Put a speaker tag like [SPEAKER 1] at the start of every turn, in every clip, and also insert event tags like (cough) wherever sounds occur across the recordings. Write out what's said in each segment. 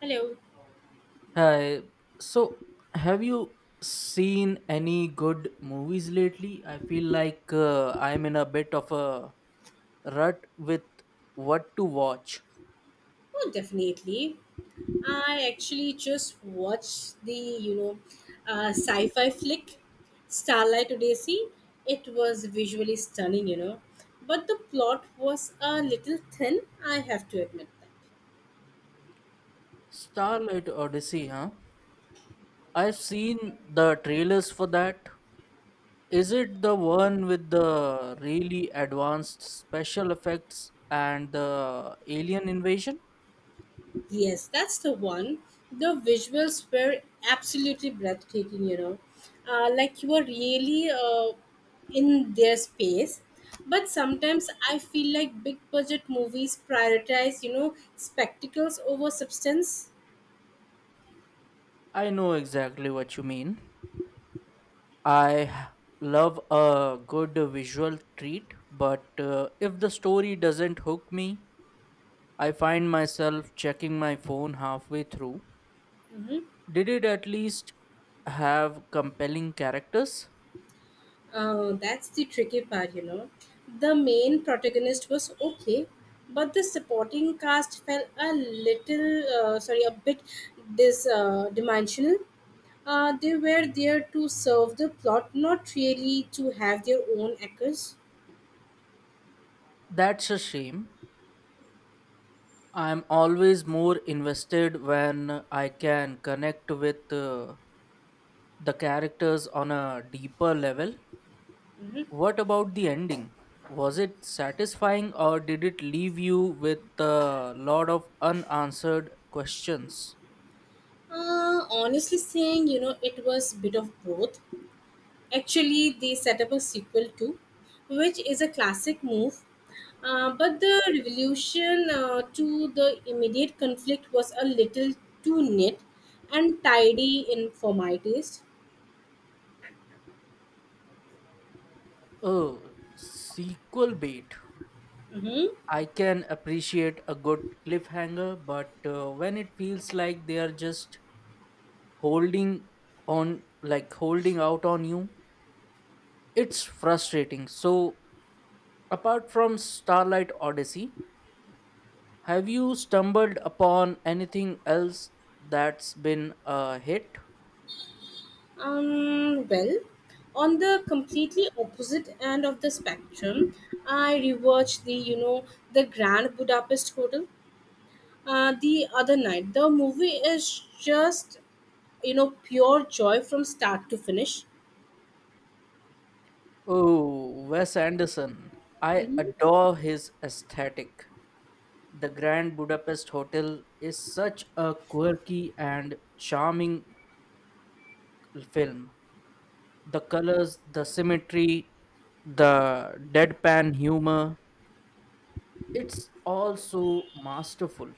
[SPEAKER 1] Hello.
[SPEAKER 2] Hi. So, have you seen any good movies lately? I feel like I'm in a bit of a rut with what to watch.
[SPEAKER 1] Oh, definitely. I actually just watched the, sci-fi flick, Starlight Odyssey. It was visually stunning, but the plot was a little thin, I have to admit that.
[SPEAKER 2] Starlight Odyssey, huh? I've seen the trailers for that. Is it the one with the really advanced special effects and the alien invasion?
[SPEAKER 1] Yes, that's the one. The visuals were absolutely breathtaking, you know. Like you were really in their space. But sometimes I feel like big budget movies prioritize, you know, spectacles over substance.
[SPEAKER 2] I know exactly what you mean. I h- love a good visual treat, but if the story doesn't hook me, I find myself checking my phone halfway through. Did it at least have compelling characters?
[SPEAKER 1] That's the tricky part, you know. The main protagonist was okay, but the supporting cast felt a little, a bit dis dimensional. They were there to serve the plot, not really to have their own echoes.
[SPEAKER 2] That's a shame. I'm always more invested when I can connect with the characters on a deeper level. What about the ending? Was it satisfying or did it leave you with a lot of unanswered questions?
[SPEAKER 1] Honestly saying, you know, it was bit of both. Actually, they set up a sequel too, which is a classic move. But the revolution to the immediate conflict was a little too neat and tidy in for my taste.
[SPEAKER 2] Oh, sequel bait.
[SPEAKER 1] hmm
[SPEAKER 2] I can appreciate a good cliffhanger, but when it feels like they are just holding on, like holding out on you, it's frustrating. So, apart from Starlight Odyssey, have you stumbled upon anything else that's been a hit?
[SPEAKER 1] well, on the completely opposite end of the spectrum, I rewatched the the Grand Budapest Hotel the other night. The movie is just you know pure joy from start to finish
[SPEAKER 2] Oh, Wes Anderson. I
[SPEAKER 1] hmm
[SPEAKER 2] adore his aesthetic. The Grand Budapest Hotel is such a quirky and charming film. The colors, the symmetry, the deadpan humor, it's all so masterful.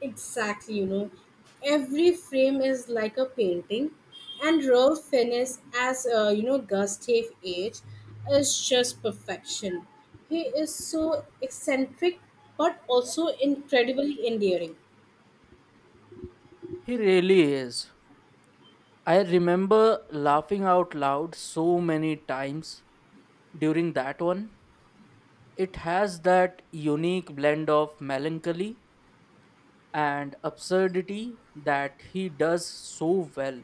[SPEAKER 1] Exactly, you know, every frame is like a painting, and Ralph Fiennes, as Gustave H, is just perfection. He is so eccentric but also incredibly endearing.
[SPEAKER 2] He really is. I remember laughing out loud so many times during that one. It has that unique blend of melancholy and absurdity that he does so well.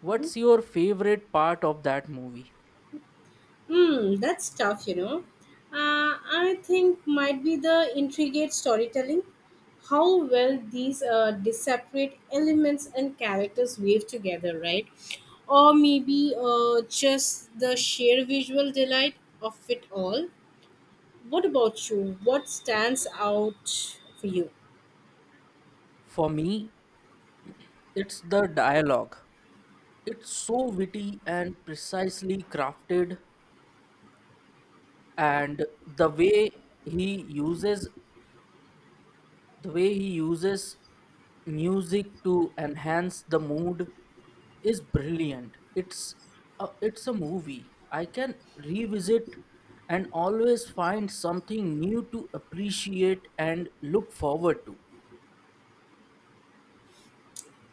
[SPEAKER 2] What's your favorite part of that movie?
[SPEAKER 1] Hmm, that's tough, you know. Uh, I think might be the intricate storytelling, how well these disparate elements and characters weave together, right? Or maybe just the sheer visual delight of it all. What about you? What stands out for you?
[SPEAKER 2] For me, it's the dialogue. It's so witty and precisely crafted, and the way he uses the way he uses music to enhance the mood is brilliant. It's it's a movie I can revisit and always find something new to appreciate and look forward to.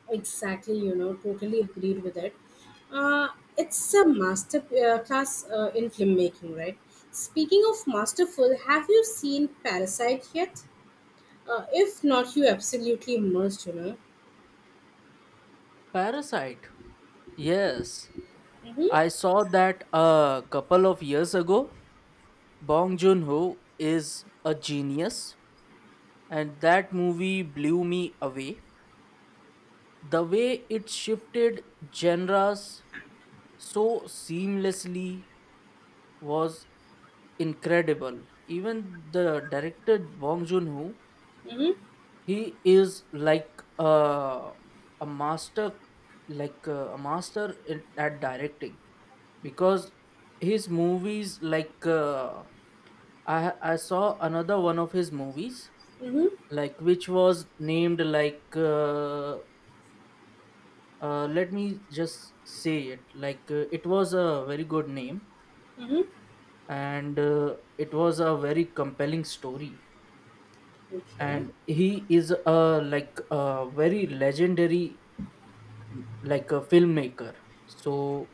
[SPEAKER 1] Exactly, you know, totally agreed with it. Uh, it's a master class in filmmaking, right? Speaking of masterful, have you seen Parasite yet? If not, you absolutely must, you know.
[SPEAKER 2] Parasite, yes,
[SPEAKER 1] Mm-hmm,
[SPEAKER 2] I saw that a couple of years ago. Bong Joon-ho is a genius, and that movie blew me away. The way it shifted genres so seamlessly was incredible. Even the director Bong Joon-ho,
[SPEAKER 1] mm-hmm,
[SPEAKER 2] he is like uh, a master, like at directing, because his movies like , I saw another one of his movies,
[SPEAKER 1] mm-hmm,
[SPEAKER 2] like, which was named like let me just say it. Like it was a very good name,
[SPEAKER 1] mm-hmm.
[SPEAKER 2] and it was a very compelling story,
[SPEAKER 1] Okay,
[SPEAKER 2] and he is a like a very legendary, like, a filmmaker. So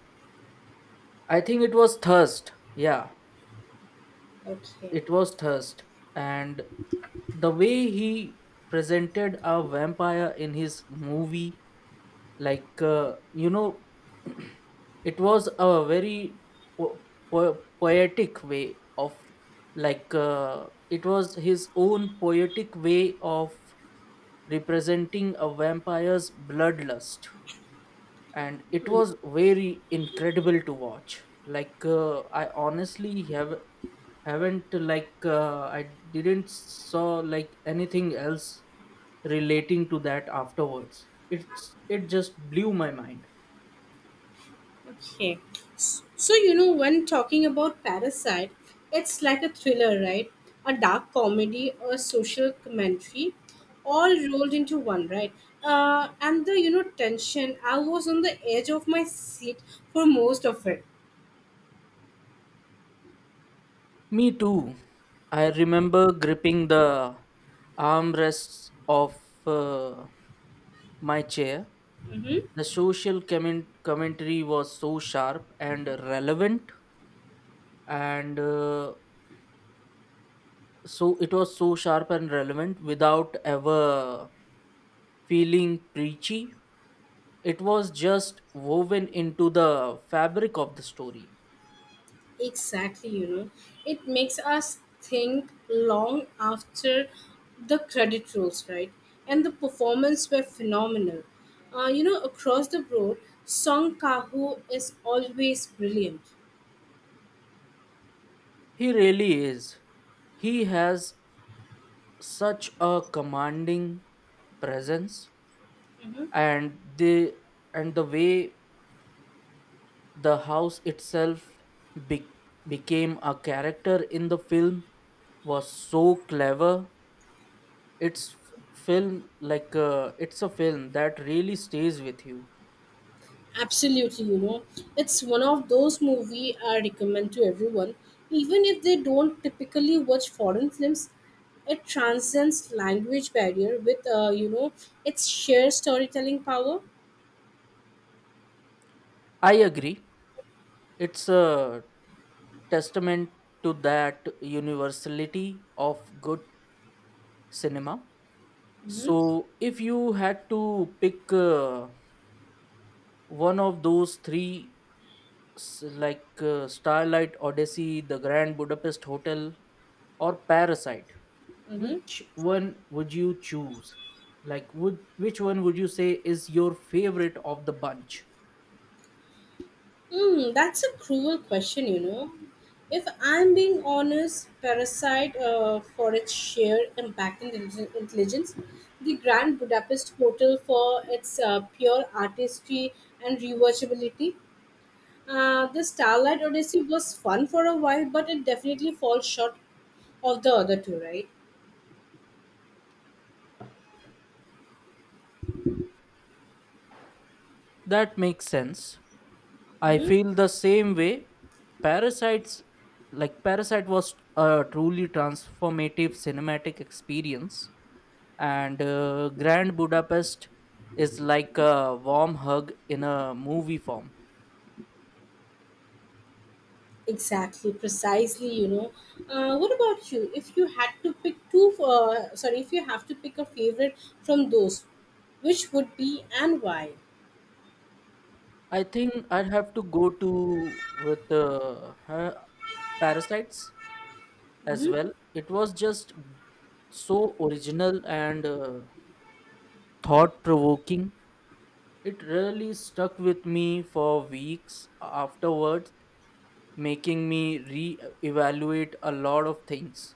[SPEAKER 2] I think it was Thirst. Yeah,
[SPEAKER 1] okay.
[SPEAKER 2] it was Thirst, and the way he presented a vampire in his movie, like you know, (clears throat) it was a very po- poetic way of, like it was his own poetic way of representing a vampire's bloodlust, and it was very incredible to watch. Like I honestly have haven't, like I didn't saw like anything else relating to that afterwards. It just blew my mind.
[SPEAKER 1] Okay. So, you know, when talking about Parasite, it's like a thriller, right? A dark comedy, a social commentary, all rolled into one, right? And the, you know, tension, I was on the edge of my seat for most of it.
[SPEAKER 2] Me too. I remember gripping the armrests of uh, my chair. The commentary was so sharp and relevant, and it was so sharp and relevant without ever feeling preachy. It was just woven into the fabric of the story.
[SPEAKER 1] Exactly, you know, it makes us think long after the credit rolls, right? And the performance were phenomenal. You know, across the board, Song Kaho is always brilliant.
[SPEAKER 2] He really is. He has such a commanding presence, and the way the house itself be, became a character in the film was so clever. It's a film that really stays with you.
[SPEAKER 1] Absolutely, you know, it's one of those movie I recommend to everyone, even if they don't typically watch foreign films. It transcends language barrier with, you know, its sheer storytelling power.
[SPEAKER 2] I agree, it's a testament to that universality of good cinema. So
[SPEAKER 1] hmm
[SPEAKER 2] if you had to pick one of those three, Starlight Odyssey, The Grand Budapest Hotel, or Parasite.
[SPEAKER 1] hmm
[SPEAKER 2] Which one would you choose? Like, would which one would you say is your favorite of the bunch?
[SPEAKER 1] Hmm, that's a cruel question, you know. If I'm being honest, Parasite, for its sheer impact and intelligence, the Grand Budapest Hotel for its pure artistry and rewatchability, the Starlight Odyssey was fun for a while, but it definitely falls short of the other two, right?
[SPEAKER 2] That makes sense. I feel the same way. Parasites, like Parasite, was a truly transformative cinematic experience, and Grand Budapest is like a warm hug in a movie form.
[SPEAKER 1] Exactly, precisely, you know. What about you? If you had to pick two, if you have to pick a favorite from those, which would be and why?
[SPEAKER 2] I think I'd have to go to with Parasites as well. It was just so original and thought provoking. It really stuck with me for weeks afterwards, making me re evaluate a lot of things.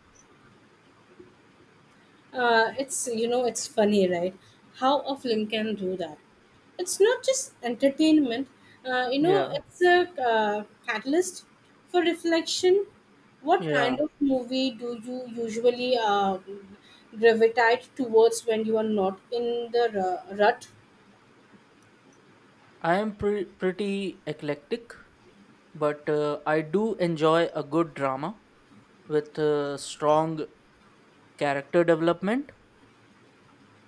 [SPEAKER 1] It's, you know, it's funny, right? How a film can do that. It's not just entertainment, you know,
[SPEAKER 2] Yeah,
[SPEAKER 1] it's a catalyst for reflection. What
[SPEAKER 2] yeah.
[SPEAKER 1] kind of movie do you usually gravitate towards when you are not in the rut?
[SPEAKER 2] I am pretty eclectic, but I do enjoy a good drama with strong character development.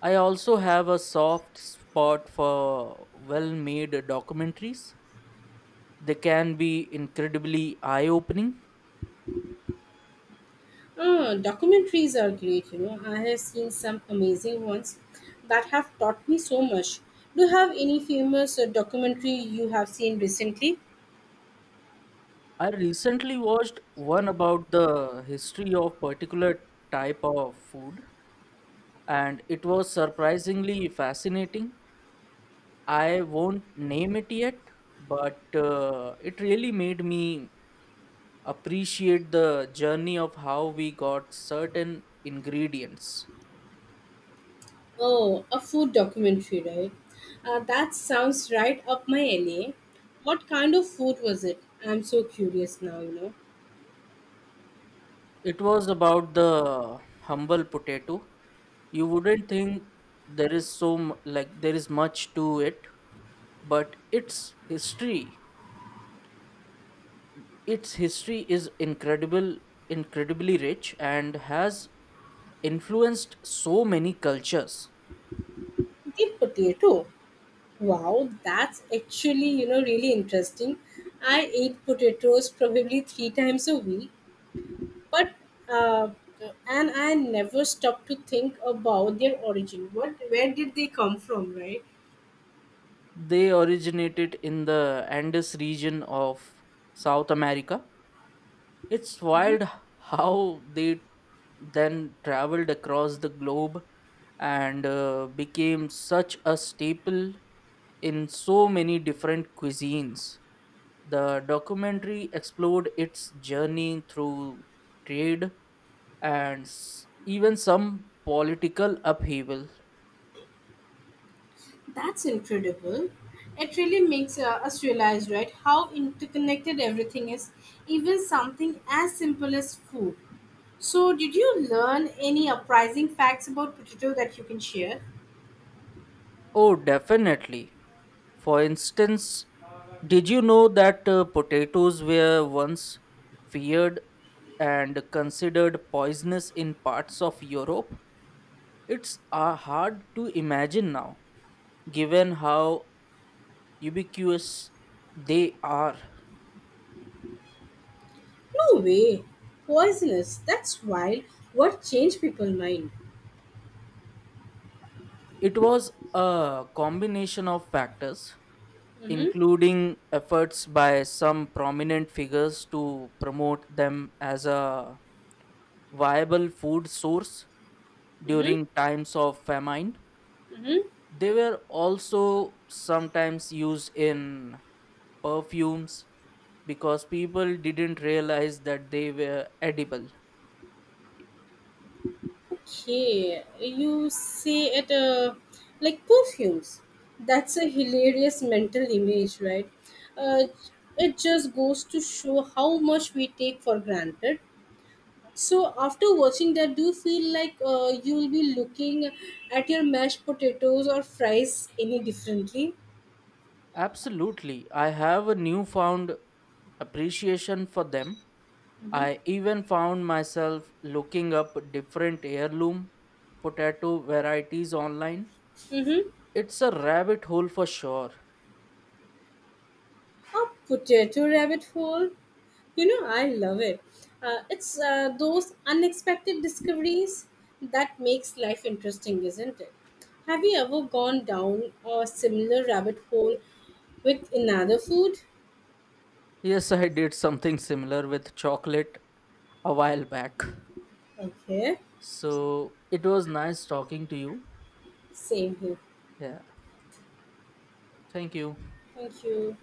[SPEAKER 2] I also have a soft spot for well made documentaries. They can be incredibly eye opening.
[SPEAKER 1] Ah, documentaries are great, you know. I have seen some amazing ones that have taught me so much. Do you have any famous documentary you have seen recently?
[SPEAKER 2] I recently watched one about the history of particular type of food, and it was surprisingly fascinating. I won't name it yet, but it really made me appreciate the journey of how we got certain ingredients.
[SPEAKER 1] Oh, a food documentary, right? That sounds right up my alley. What kind of food was it? I'm so curious now, you know.
[SPEAKER 2] It was about the humble potato. You wouldn't think there is there is much to it, but history its history is incredible incredibly rich and has influenced so many cultures.
[SPEAKER 1] The potato. Wow, that's actually, you know, really interesting. I ate potatoes probably 3 times a week, but uh, and I never stopped to think about their origin. What, where did they come from, right?
[SPEAKER 2] They originated in the Andes region of South America. It's wild how they then traveled across the globe and became such a staple in so many different cuisines. The documentary explored its journey through trade and even some political upheaval.
[SPEAKER 1] That's incredible. It really makes us realize, right, how interconnected everything is, even something as simple as food. So did you learn any surprising facts about potato that you can share?
[SPEAKER 2] Oh, definitely. For instance, did you know that potatoes were once feared and considered poisonous in parts of Europe? It's hard to imagine now, given how ubiquitous they are.
[SPEAKER 1] No way. Poisonous, that's wild. What changed people's mind?
[SPEAKER 2] It was a combination of factors,
[SPEAKER 1] Mm-hmm,
[SPEAKER 2] including efforts by some prominent figures to promote them as a viable food source
[SPEAKER 1] mm-hmm,
[SPEAKER 2] during times of famine.
[SPEAKER 1] mm-hmm.
[SPEAKER 2] They were also sometimes used in perfumes because people didn't realize that they were edible.
[SPEAKER 1] Okay, you see it like perfumes. That's a hilarious mental image, right? Uh, it just goes to show how much we take for granted. So after watching that, do you feel like you will be looking at your mashed potatoes or fries any differently?
[SPEAKER 2] Absolutely. I have a newfound appreciation for them. I even found myself looking up different heirloom potato varieties online.
[SPEAKER 1] Mm-hmm.
[SPEAKER 2] It's a rabbit hole for sure.
[SPEAKER 1] A potato rabbit hole? You know, I love it. It's those unexpected discoveries that makes life interesting, isn't it? Have you ever gone down a similar rabbit hole with another food?
[SPEAKER 2] Yes, I did something similar with chocolate a while back.
[SPEAKER 1] Okay,
[SPEAKER 2] So it was nice talking to you.
[SPEAKER 1] same here.
[SPEAKER 2] Yeah. Thank you.
[SPEAKER 1] Thank you.